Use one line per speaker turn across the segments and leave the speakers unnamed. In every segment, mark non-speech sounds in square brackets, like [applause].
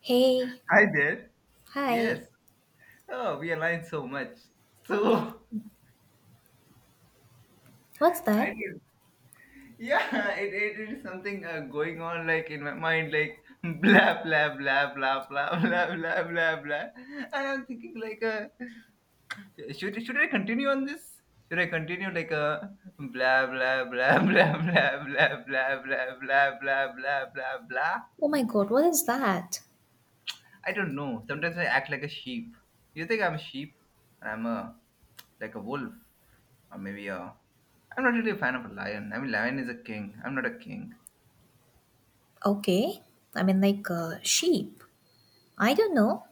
Hey,
Hi there.
hi.
Yes. Oh, we align so much. So [laughs]
What's
I
that?
did. Yeah, [laughs] it is something going on like in my mind, like [laughs] blah blah blah blah blah [laughs] blah blah blah blah, and I'm thinking like, [laughs] should I continue on this? Should I continue like blah blah blah [laughs] blah blah blah blah blah blah blah blah blah blah?
Oh my god, what is that?
I don't know. Sometimes I act like a sheep. You think I'm a sheep? And I'm a like a wolf. Or maybe a I'm not really a fan of a lion. I mean, lion is a king. I'm not a king.
Okay. I mean like sheep. I don't know.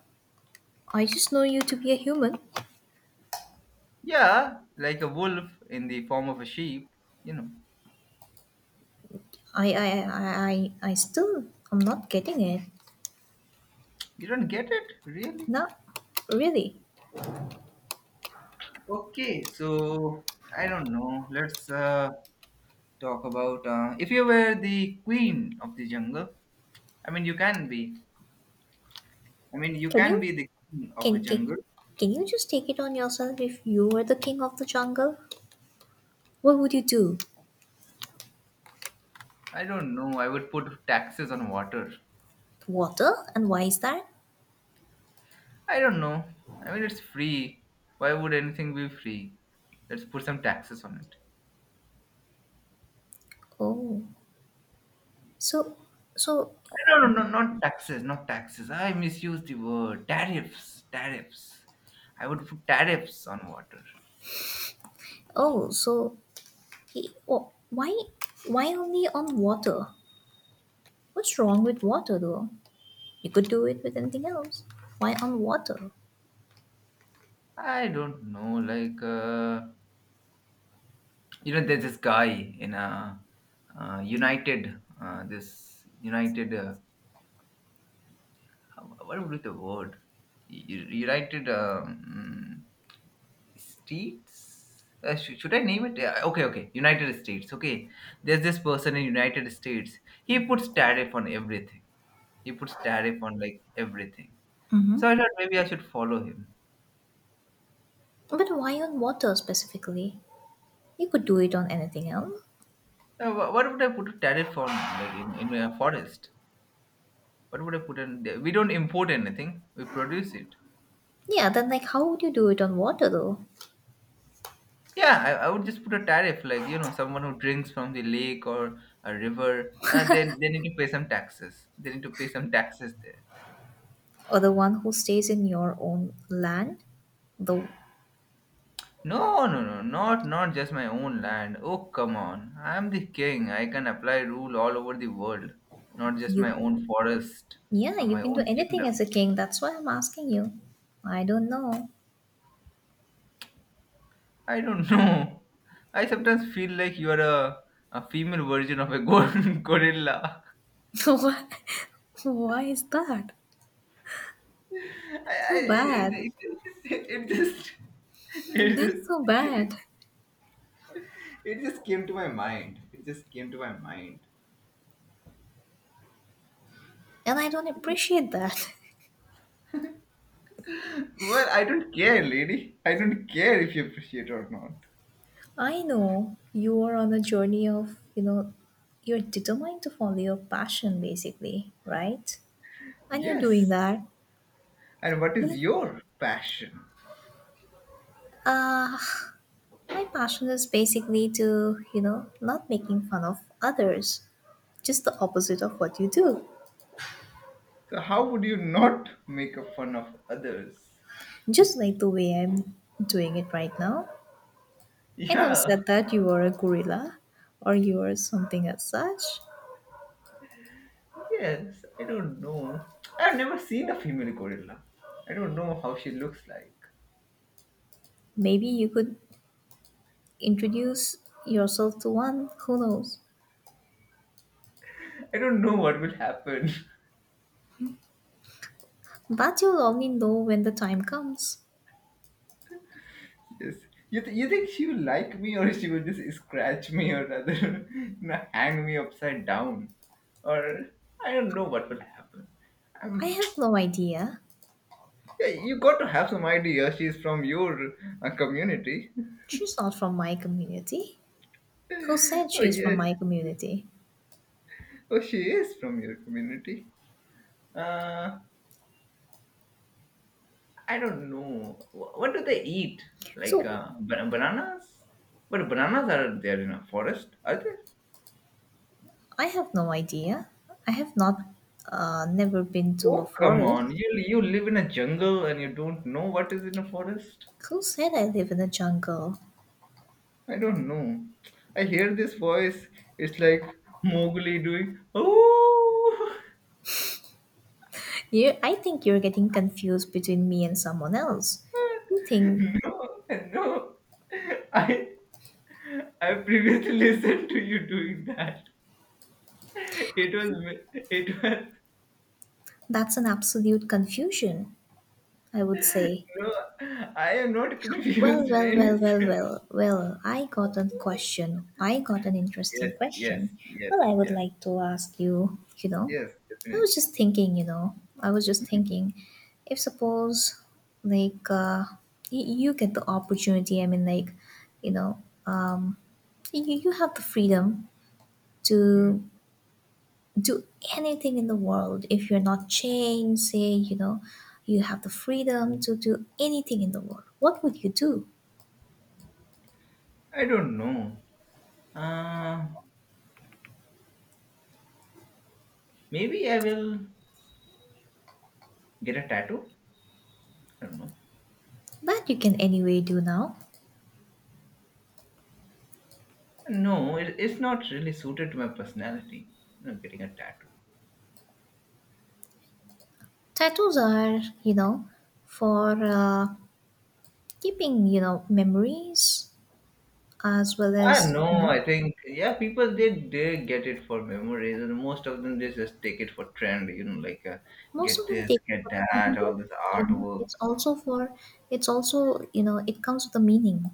I just know you to be a human.
Yeah, like a wolf in the form of a sheep you know
I still I'm not getting it.
you don't get it, really.
No. Really.
Okay, so I don't know. Let's talk about if you were the queen of the jungle. I mean you can be i mean you
Can
can
you
be the queen of a
can, can
jungle.
can you just take it on yourself if you were the king of the jungle? What would you do?
I don't know, I would put taxes on water.
Water? And why is that?
I don't know, I mean it's free. Why would anything be free? Let's put some taxes on it.
Oh. So so
No, no, no, not taxes, not taxes. I misused the word. Tariffs, tariffs. I would put tariffs on water.
oh, so he, oh, why only on water? What's wrong with water though? You could do it with anything else. Why on water?
I don't know, like, you know, there's this guy in a United, what would be the word? United States? Should I name it? Yeah, okay, okay. United States. Okay. There's this person in United States. He puts tariff on everything. He puts tariff on like everything.
Mm-hmm.
So I thought maybe I should follow him.
But why on water specifically? You could do it on anything else.
What would I put a tariff on like in a forest? What would I put in there? We don't import anything. We produce it.
Yeah, then like how would you do it on water though?
Yeah, I would just put a tariff like, someone who drinks from the lake or a river, and then they need to pay some taxes. They need to pay some taxes there.
Or the one who stays in your own land? Though
No, no, no, not just my own land. Oh, come on. I'm the king. I can apply rule all over the world, not just my
you.
own forest
Yeah,
or
you
my
can do
own
anything as
kingdom.
a king, that's why I'm asking you. I don't know.
I don't [laughs] know. I sometimes feel like you are a female version of a [laughs] gorilla.
[laughs] why why is that?
I,
So
it,
bad.
it, it just,
Hmm,
it
that's so
just,
bad.
it just came to my mind. It just came to my mind.
And I don't appreciate that.
Well, I don't care, lady. I don't care if you appreciate or not.
I know you are on a journey of, you know, you're determined to follow your passion basically, right? And you're doing
Yes.
that.
And what
You
is
know,
your passion?
uh, my passion is basically to, you know, not making fun of others, just the opposite of what you do.
So how would you not make a fun of others?
Just like the way I'm doing it right now. I never
Yeah.
said that you are a gorilla or you are something as such.
Yes, I don't know. I've never seen a female gorilla. I don't know how she looks like.
Maybe you could introduce yourself to one, who knows?
I don't know what will happen. [laughs]
But you'll only know when the time comes.
Yes. You think she will like me, or she will just scratch me, or rather [laughs] hang me upside down? Or I don't know what will happen.
I
Um,
have no idea.
[tsk] yeah, you got to have some idea. She's from your community. [laughs]
She's not from my community. Who said
Oh,
she's from my
yes.
community?
Oh, she is from your community. Uh, I don't know. What do they eat? Like
So
bananas? But bananas are there in a forest, are they?
I have no idea. I have not, never been to a
Oh, come on.
forest.
You live in a jungle and you don't know what is in a forest?
Who said I live in a jungle?
I don't know. I hear this voice. It's like Mowgli doing, oh.
You, I think you're getting confused between me and someone else. You
[laughs]
think
No, no. I I previously [laughs] listened to you doing that. It was
that's an absolute confusion, I would say.
No, I am not
Well,
confused in
well,
any
well, well,
sense.
well, well, I got a question. I got an
Yes,
interesting
yes,
question.
yes,
Well, I would
yes,
like to ask you, you know,
yes, definitely.
I was just thinking, if suppose, like, uh, you get the opportunity, I mean, like, you know, um, you have the freedom
Hmm.
to do anything in the world if you're not chained, say, you know, you have the freedom to do anything in the world. What would you do?
I don't know. Uh, maybe I will get a tattoo. I don't know.
But you can anyway do now.
No, it's not really suited to my personality. You know, getting a tattoo.
Tattoos are, you know, for keeping, you know, memories as well
I don't
as, you
know.
know,
I think yeah, people they get it for memories, and most of them they just take it for trend. You know, like
most of
get
them
this,
take
get
for granted,
that,
but
all this
you know,
artwork.
it's also for, it's also, you know, it comes with a meaning.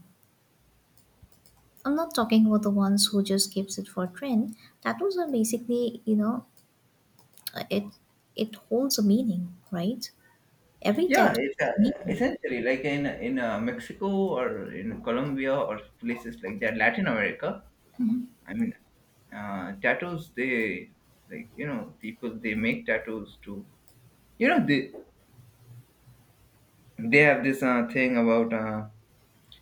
I'm not talking about the ones who just keeps it for trend. Tattoos are basically, you know, uh, it it holds a meaning, right? Every
Yeah,
tattoo
it's
has a meaning.
essentially like in Mexico or in Colombia or places like that, Latin America. I mean, tattoos. They, like, you know, people they make tattoos to, you know, they have this thing about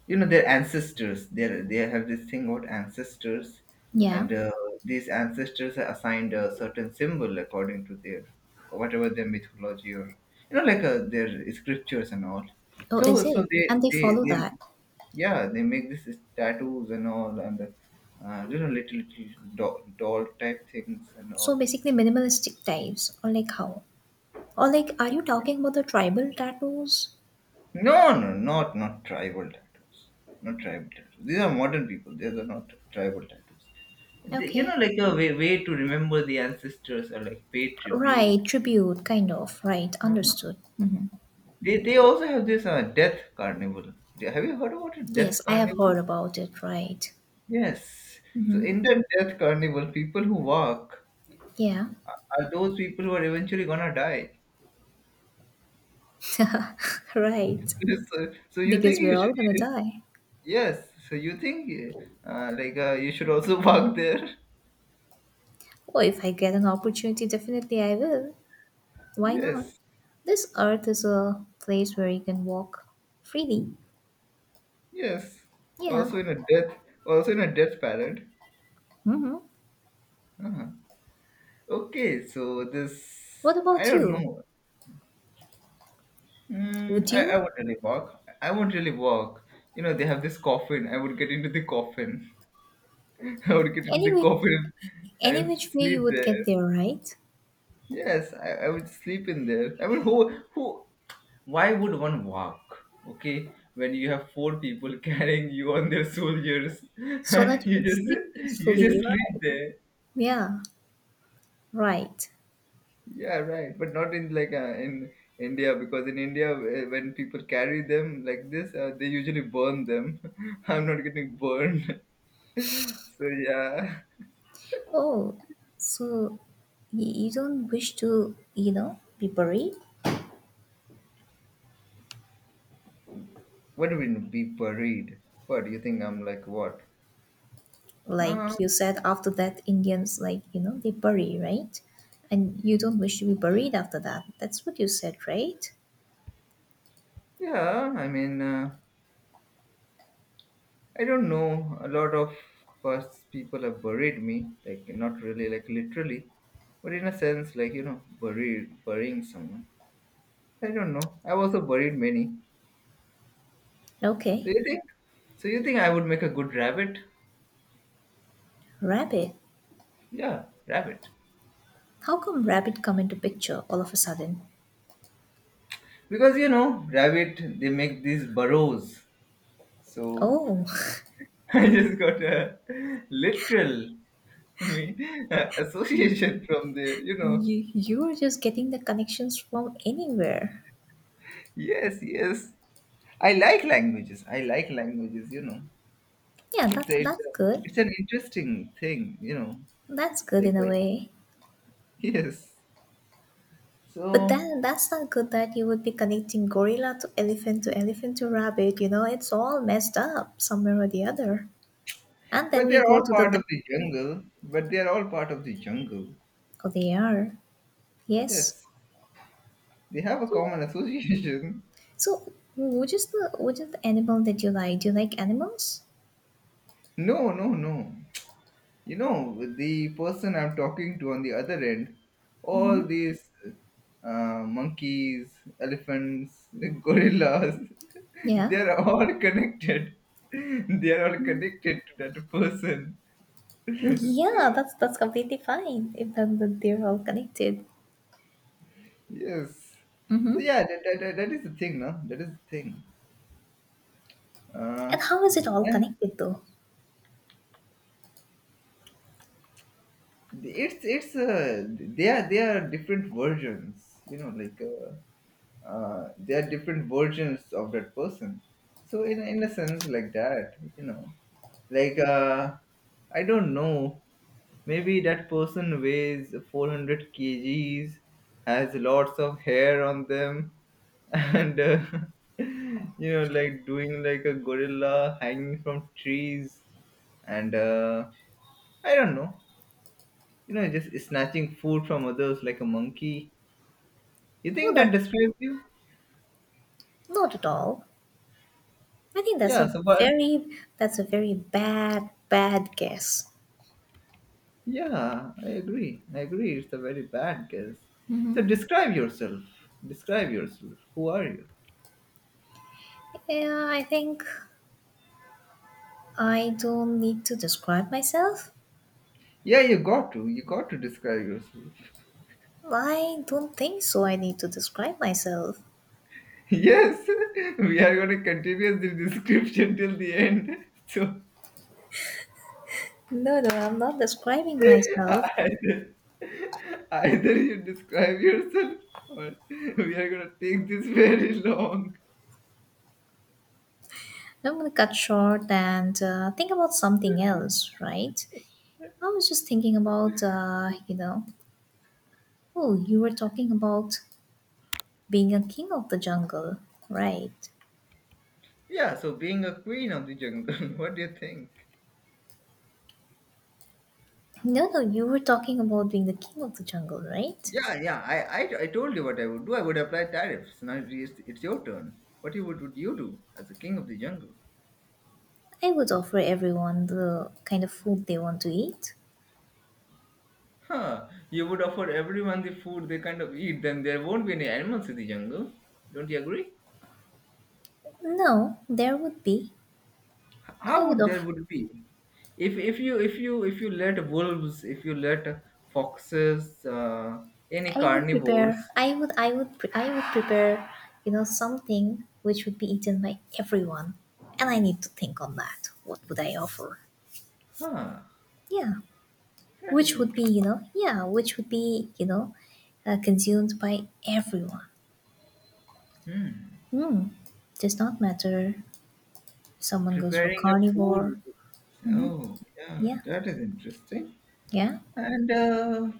you know their ancestors. They have this thing about ancestors,
Yeah.
and these ancestors are assigned a certain symbol according to their, whatever their mythology, or you know like their scriptures and all.
Oh, is
So
it? And
they
they
they
follow
they
that.
yeah they make this is tattoos and all, and you know, little doll type things and
So
all.
basically, minimalistic types, or like how? Or like, are you talking about the tribal tattoos?
No, no, not tribal tattoos. Not tribal tattoos. These are modern people. These are not tribal tattoos. You
Okay.
know, like a way to remember the ancestors, or like pay tribute.
Right, tribute, kind of. Right,
Ah,
understood. Hmm.
they also have this death carnival. Have you heard about it, death
Yes, I have heard
carnival?
about it, right.
Yes. So in the death carnival, people who walk
Yeah.
are those people who are eventually gonna die.
[laughs] Right.
[laughs] So, so you think
Because
you
we're all gonna
should?
die.
Yes. So you think like you should also [laughs] walk there?
Well, if I get an opportunity, definitely I will. Why not?
Yes.
This earth is a place where you can walk freely.
Yes.
Yeah.
Also in a death. Also in a death parade.
Mm-hmm.
Uh-huh. Okay. So
What
this I
about
don't
you?
know.
Would
I
you?
won't really walk. I won't really walk. You know they have this coffin. I would get into the coffin. [laughs] I would get into the
Anyway,
coffin
any
and
which way
sleep
you would get
there.
there, right?
Yes, I would sleep in there. I mean, why would one walk? Okay, when you have four people [laughs] carrying you on their shoulders, [laughs]
So that you can sleep
you
peacefully,
just sleep
right?
there.
Yeah, right.
Yeah, right. But not in like in India, because in India, when people carry them like this, they usually burn them. [laughs] I'm not getting burned. [laughs] So yeah,
Oh, so you don't wish to, you know, be buried?
what do we mean be buried? What do you think? I'm like what? Um,
Like you said, after that, Indians, like, you know, they bury, right? And you don't wish to be buried after that. That's what you said, right?
yeah. I mean. I don't know. A lot of past people have buried me, like not really, like literally, but in a sense, like you know, burying someone. I don't know. I've also buried many. So
Okay.
you think? So you think I would make a good rabbit?
Rabbit.
Yeah, rabbit.
How come rabbit come into picture all of a sudden?
Because you know, rabbit they make these burrows. So
Oh,
[laughs] I just got a literal, I mean, [laughs] association from there, you
[laughs]
know.
you are just getting the connections from anywhere.
Yes, yes. I like languages. I like languages. You know.
Yeah,
it's a, it's
that's
a
good.
it's an interesting thing, you know,
That's good
like
in a way.
yes,
But
so
then that's not good that you would be connecting gorilla to elephant to elephant to rabbit, you know, it's all messed up somewhere or the other. And then
but
we
they're
go
all
to
part
the
of the jungle. But they're all part of the jungle.
oh they are. Yes.
Yes, they have a
So
common association.
so, which is the animal that you like? Do you like animals?
[laughs] No, no, no, you know, the person I'm talking to on the other end, all
Hmm.
these monkeys, elephants, [laughs] gorillas, [laughs]
Yeah.
they're all connected. [laughs] They are all connected to that person. [laughs] So
Yeah, that's completely fine if then they're all connected.
Yes. So
Mm-hmm.
yeah, that is the thing, no? That is the thing. Uh,
And how is it all
and
connected though?
it's they are different versions, you know, like they are different versions of that person. So in a sense like that, you know, like I don't know, maybe that person weighs 400 kgs, has lots of hair on them, and [laughs] you know, like doing like a gorilla hanging from trees, and I don't know, you know, just snatching food from others like a monkey. You
Well,
think that
that,
describes you?
not at all. I think
Yeah, so but
that's a very bad bad guess.
Yeah, I agree. I agree. It's a very bad guess. So describe yourself. Describe yourself. Who are you?
Yeah, I think I don't need to describe myself.
Yeah, you got to. You got to describe yourself. [laughs]
I don't think so. I need to describe myself.
Yes, [laughs] we are going to continue the [laughs] description till the end. [laughs] So
No, no, I'm not describing
[laughs]
myself.
either, either you describe yourself, or [laughs] we are going to take this [laughs] very long.
I'm gonna cut short and think about something else, right? I was just thinking about, you know, oh, you were talking about being a king of the jungle, right?
Yeah, so being a queen of the jungle, [laughs] what do you think?
No, no, you were talking about being the king of the jungle, right?
Yeah, yeah. I told you what I would do. I would apply tariffs. Now it's your turn. Would you do as the king of the jungle?
I would offer everyone the kind of food they want to eat.
Huh? You would offer everyone the food they kind of eat. Then there won't be any animals in the jungle. Don't you agree?
No, there would be. I
How
would
would there
offer.
would be? If you let wolves, if you let foxes, any
I would prepare.
carnivores.
I would prepare. You know something which would be eaten by everyone, and I need to think on that. What would I offer?
Huh?
Yeah,
That is
which would be
interesting.
you know yeah, which would be you know consumed by everyone.
Hmm.
Hmm. Does not matter. If someone goes for
Preparing a food.
carnivore.
Oh, yeah.
Yeah,
That is interesting.
yeah.
And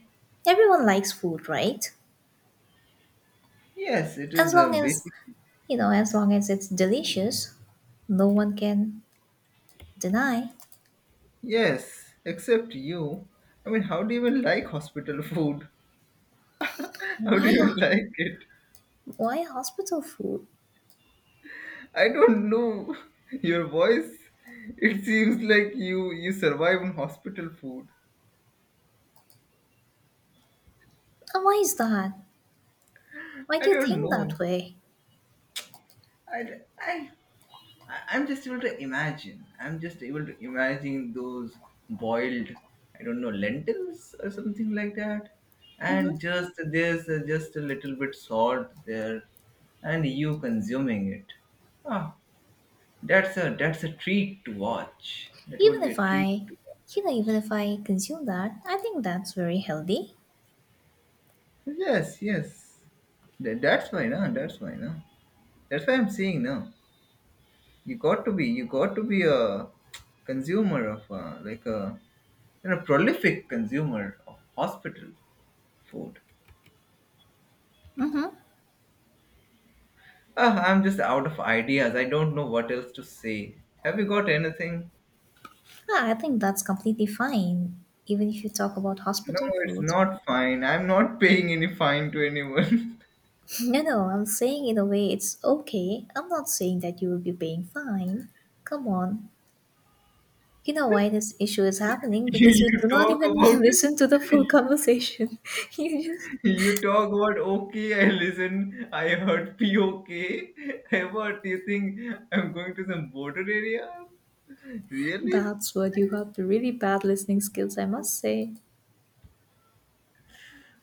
Everyone likes food, right?
yes, it
As
is a
long as
basic.
you know, as long as it's delicious, no one can deny.
Yes, except you. I mean, how do you even like hospital food? [laughs] How do
Why,
you [laughs] like it?
why hospital food?
I don't know. Your voice, it seems like you survive on hospital food.
And why is that? Why do
I
you
don't
think that
know.
way?
I, I I'm just able to imagine. I'm just able to imagine those boiled, I don't know, lentils or something like that. And
Hmm.
just there's just a little bit salt there, and you consuming it. Ah, that's a treat to watch. That would
Even
be
if
a treat
I,
to
you know,
watch.
even if I consume that, I think that's very healthy.
Yes, yes. That, that's why, no. That's why, no. That's why I'm saying, no. You got to be, you got to be a consumer of like a you're a prolific consumer of hospital food.
Mm-hmm.
Ah, I'm just out of ideas. I don't know what else to say. Have you got anything?
I think that's completely fine. Even if you talk about
No,
hospital
it's
foods. [laughs]
not fine. I'm not paying any fine to anyone.
No, no, I'm saying in a way it's okay. I'm not saying that you will be paying fine. Come on, you know why this issue is happening?
[laughs] you
Because you do
you
not
talk
even [laughs]
about it.
listen to the full conversation. [laughs] You just.
You talk about, okay, I listen, I heard POK. [laughs] What do you think I'm going to some border area? Really?
That's what you got the really bad listening skills, I must say.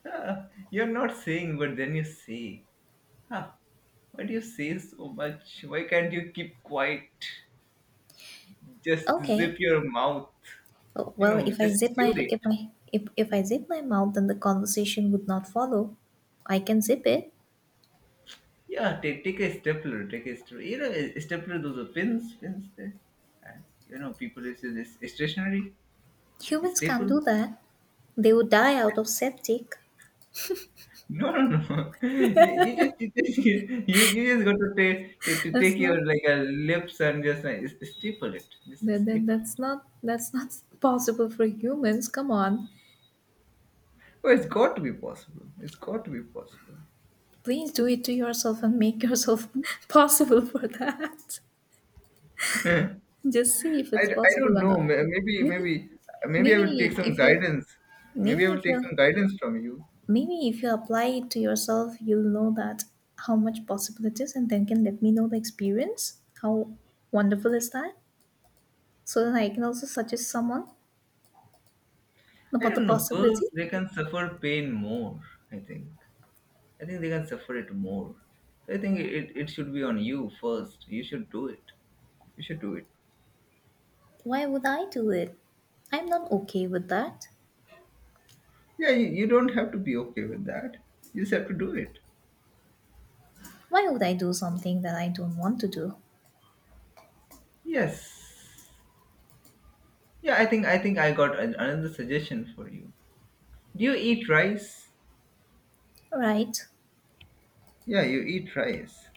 Ah, you're not saying, but then you say. Huh. Why do you say so much? Why can't you keep quiet? Just zip
Okay.
your mouth.
Oh,
You
well,
know, just chew it.
if I zip my mouth, then the conversation would not follow. I can zip it.
Yeah, take a stapler, take a stapler. You know, a stapler, those are pins, pins there. And you know, people use this stationery, like
Humans can't do
staples.
that. They would die out of septic.
No, no, no. [laughs] You just got to
[laughs]
take
That's
your
not
like lips and just like, staple it. Just staple it.
that's not, that's not possible for humans. Come on.
Oh, it's got to be possible. It's got to be possible.
Please do it to yourself and make yourself [laughs] possible for that. Just see if
I,
it's
I
possible
don't
or
know.
not.
May- Maybe
You can
maybe maybe I will take
maybe
some
if you
guidance. Maybe I
maybe
will
if
take
you
some guidance from you.
Maybe if you apply it to yourself, you'll know that how much possible it is, and then can let me know the experience. How wonderful is that? So then I can also suggest someone
I
about the
don't know.
possibility.
Girls, they can suffer pain more. I think. I think they can suffer it more. So I think it should be on you first. You should do it. You should do it.
Why would I do it? I'm not okay with that.
Yeah, you don't have to be okay with that. You just have to do it.
Why would I do something that I don't want to do?
Yes. Yeah, I think I got another suggestion for you. Do you eat rice?
Right?
Yeah, you eat rice.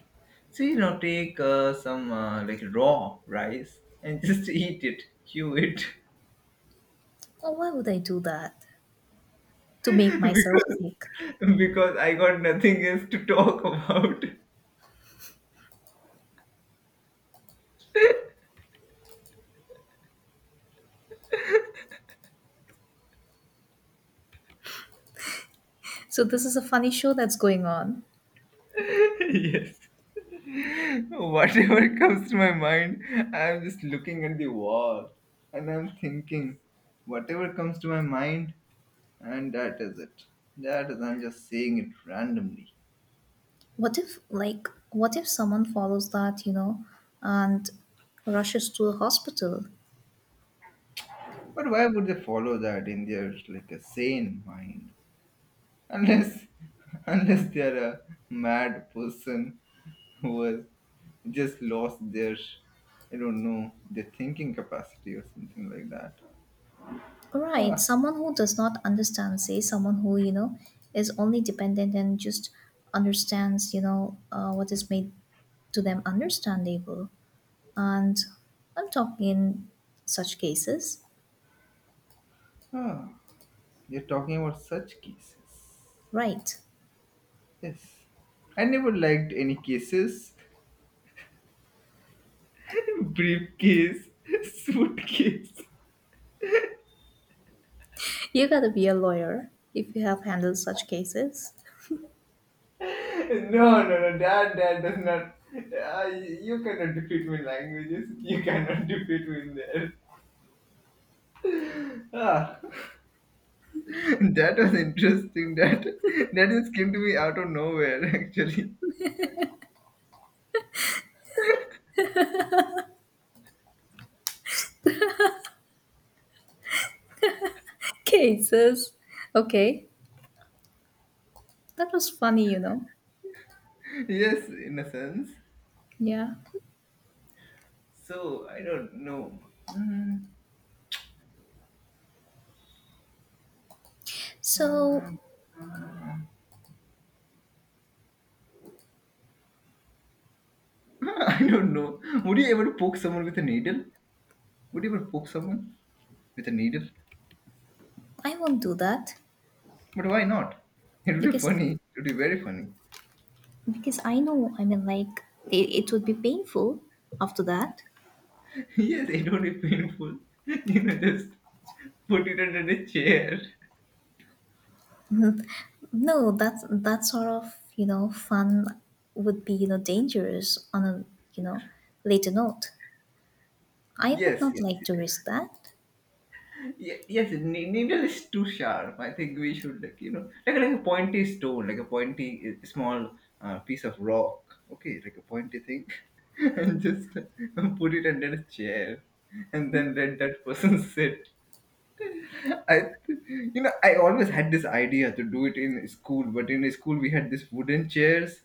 So you know, take some like raw rice and just [laughs] eat it, chew it,
Or why would I do that?
[laughs]
To make myself
because
sick.
I got nothing else to talk about.
So this is a funny show that's going on.
[laughs] yes, whatever comes to my mind, I'm just looking at the wall and I'm thinking, whatever comes to my mind, and that is it. That is, I'm just saying it randomly.
What if, like, what if someone follows that, you know, and rushes to a hospital?
But why would they follow that in their like a sane mind? Unless [laughs] unless they are a mad person who has just lost their, I don't know, their thinking capacity or something like that.
Right,
ah,
someone who does not understand, say, someone who, you know, is only dependent and just understands, you know, what is made to them understandable. And I'm talking in such cases,
ah. You're talking about such cases.
right?
Yes, I never liked any cases. [laughs] briefcase. Suitcase.
You gotta be a lawyer if you have handled such cases.
No, that that does not you cannot defeat me in languages, you cannot [laughs] defeat me in there. ah. [laughs] That was interesting. That just came to me out of nowhere, [laughs] actually.
[laughs] Cases. Okay. That was funny, you know.
Yes, in a sense.
Yeah.
So I don't know. Mm,
So
[laughs] I don't know. Would you ever poke someone with a needle? Would you ever poke someone with a needle?
I won't do that
But why not? It would be
because
funny. It would be very funny.
because I know. I mean, it, it would be painful after that.
[laughs] Yes, it would be painful. [laughs] You know, just put it under the chair. [laughs]
[laughs] No, that that sort of you know fun would be you know dangerous on a you know later note. I would
Yes,
not
yes,
like
yes.
to risk that.
Yes, needle is too sharp. I think we should, like, you know, like a pointy stone, like a pointy small piece of rock. Okay, like a pointy thing, [laughs] and just put it under a chair, and then let that person [laughs] sit. You know, I always had this idea to do it in school, but in school we had these wooden chairs,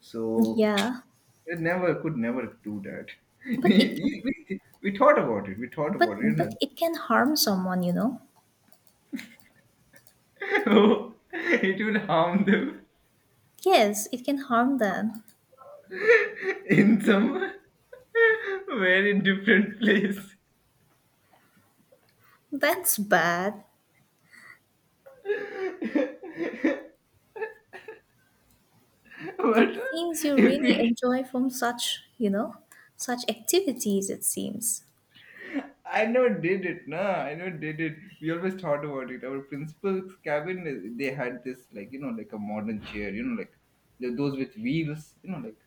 so
Yeah,
[tsk] I never, could never do that. [laughs]
but it can,
We, we thought about it. We thought
but
about it.
but
You
it can harm someone. You know.
know, [laughs] it will harm them.
Yes, it can harm them.
[laughs] in some [laughs] very different place.
[laughs] That's bad.
[laughs] but
Seems you
if
really
we,
enjoy from such you know such activities. It seems.
I never did it, nah, I never did it. We always thought about it. Our principal's cabin, they had this, like, you know, like a modern chair, you know, like those with wheels, you know,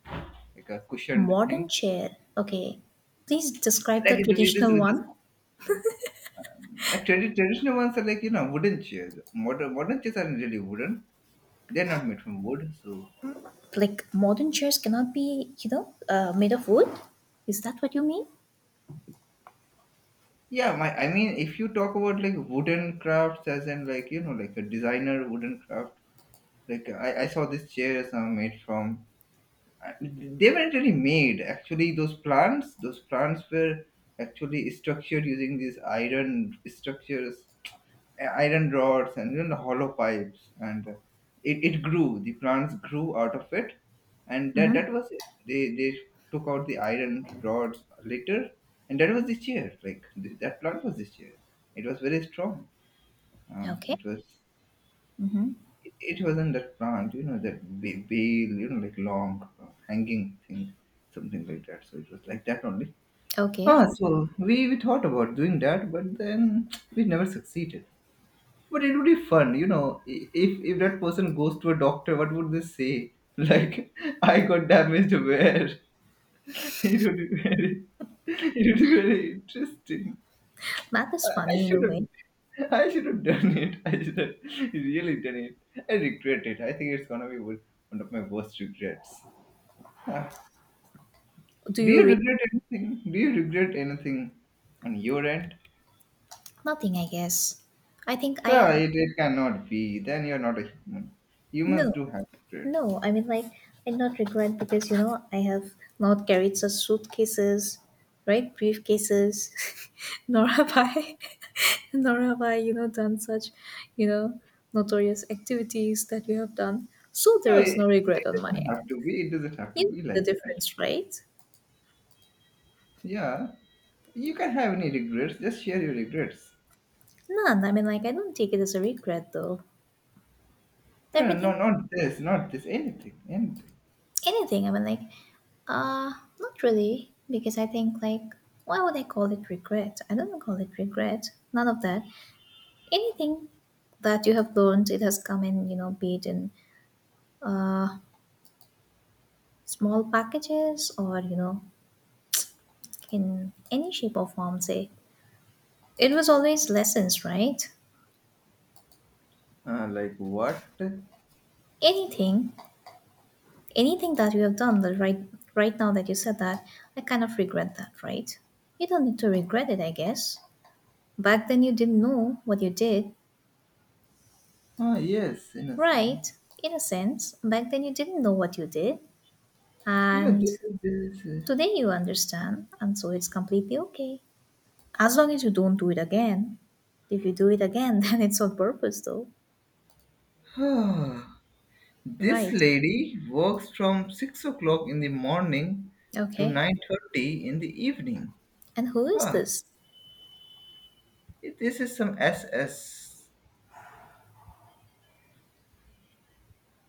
like a cushioned
Modern
thing.
chair. Okay. Please describe the
Like it, with this,
traditional
with this.
one.
The traditional ones are like, you know, wooden chairs. Modern chairs are really wooden. They're not made from wood, so
Like modern chairs cannot be, you know, made of wood. Is that what you mean?
yeah, my I mean, if you talk about like wooden crafts, as in like, you know, like a designer wooden craft, like I saw this chair is made from they weren't really made, actually, those plants, were actually structured using these iron structures, iron rods, and you know, hollow pipes, and it grew, the plants grew out of it, and that
Mm-hmm.
that was it, they took out the iron rods later, and that was the chair. Like that plant was the chair. It was very strong.
Okay.
It was,
Mm-hmm.
it wasn't that plant, you know, that bale, you know, like long hanging thing, something like that. So it was like that only.
Okay.
So we thought about doing that, but then [tsk] we never succeeded. But it would be fun, you know. If that person goes to a doctor, what would they say? Like, [laughs] I got damaged where? [laughs] It would be very, [laughs] it would be very interesting.
That is funny in a way.
I should have done it. [laughs] I should have really done it. I regret it. I think it's gonna be one of my worst regrets. Ah.
Do
Do
you
you
read?
regret anything? Do you regret anything on your end?
Nothing, I guess. I think I
No,
have.
it cannot be. Then you're not a human. You must
No.
do have regrets.
No, I mean like I not regret because you know I have not carried such suitcases, right? Briefcases, [laughs] nor have I, [laughs] nor have I, you know, done such, you know, notorious activities that you have done. So
No,
there is no regret
it
on my
doesn't have
end.
to be. It doesn't have to
You know
be
the
like that.
difference, right?
Yeah, you can have any regrets. Just share your regrets.
None. I mean like I don't take it as a regret though.
No, no,
Everything,
not this, not this. Anything, anything.
anything. I mean uh, not really because I think like why would I call it regret? I don't call it regret. None of that. Anything that you have learned, it has come in, you know, be it in uh, small packages or, you know, in any shape or form, say. It was always lessons, right?
Like what?
Anything, anything that you have done, right now that you said that, I kind of regret that, right? You don't need to regret it, I guess. Back then, you didn't know what you did,
Ah, yes, in a
right?
sense.
In a sense, back then, you didn't know what you did.
You know,
And today, you understand. And so, it's completely okay. As long as you don't do it again. If you do it again, [laughs] then it's on purpose, though.
[sighs] Ah, this
Right.
lady works from 6 o'clock in the morning to
Okay.
9:30 in the evening.
And who is
Huh.
this?
This is some SS.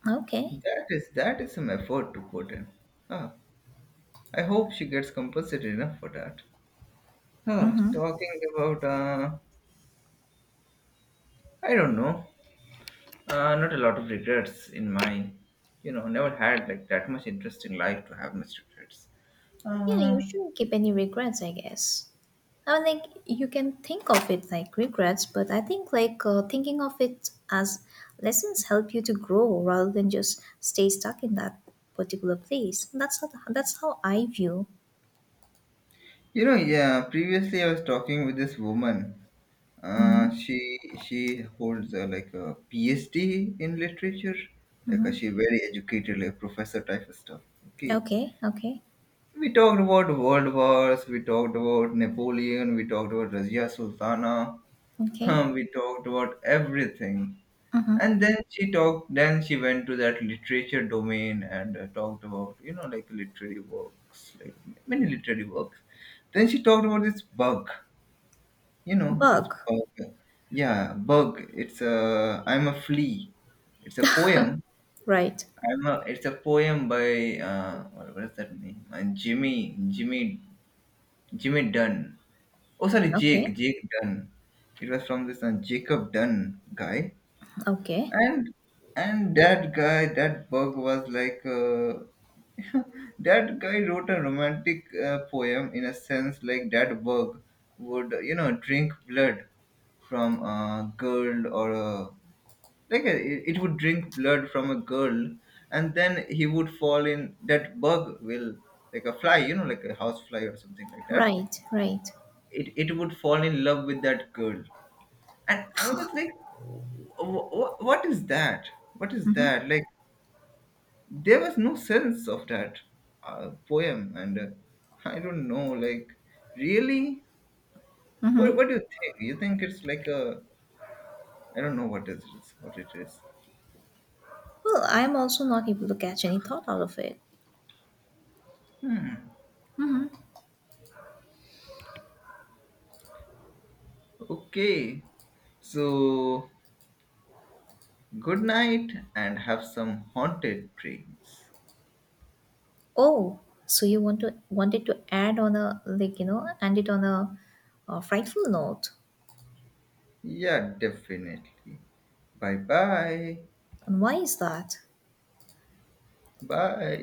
Okay.
That is some effort to put in. Huh. I hope she gets compensated enough for that. Huh.
Mm-hmm.
Talking about I don't know. Not a lot of regrets in mine. You know, never had like that much interesting life to have much regrets.
Yeah, you
Uh,
shouldn't keep any regrets, I guess. I mean, like, you can think of it like regrets, but I think, like, thinking of it as lessons help you to grow rather than just stay stuck in that particular place. That's not, that's how I view.
you know, yeah. Previously, I was talking with this woman.
Mm-hmm.
She holds like a PhD in literature. Like
Mm-hmm.
she very educated, like professor type of stuff. Okay.
Okay. Okay.
We talked about world wars. We talked about Napoleon. We talked about Razia Sultana.
Okay.
[laughs] we talked about everything.
Mm-hmm.
And then she talked, then she went to that literature domain and talked about, you know, like literary works, like many literary works. Then she talked about this bug, you know, this
Bug.
bug. Yeah, bug. It's a I'm a flea, it's a poem.
Right.
I'm a It's a poem by what is that name? Jimmy Jimmy Dunn. Oh, sorry,
Okay.
Jake Dunn. It was from this Jacob Dunn guy.
Okay.
and and that guy, that bug was like, [laughs] that guy wrote a romantic poem, in a sense, like that bug would, you know, drink blood from a girl, or a, like a, it would drink blood from a girl, and then he would fall, in that bug will, like a fly, you know, like a house fly or something like that,
Right, right.
it would fall in love with that girl. And I was like, What is that? What is that?" Like, there was no sense of that poem. And I don't know, like, really?
Mm-hmm.
What do you think? You think it's like a, I don't know what it is, what it is.
Well, I'm also not able to catch any thought out of it.
Okay. So, good night, and have some haunted dreams.
Oh, so you wanted to add on a like you know end it on a frightful note,
Yeah, definitely. Bye. Bye.
and why is that?
Bye.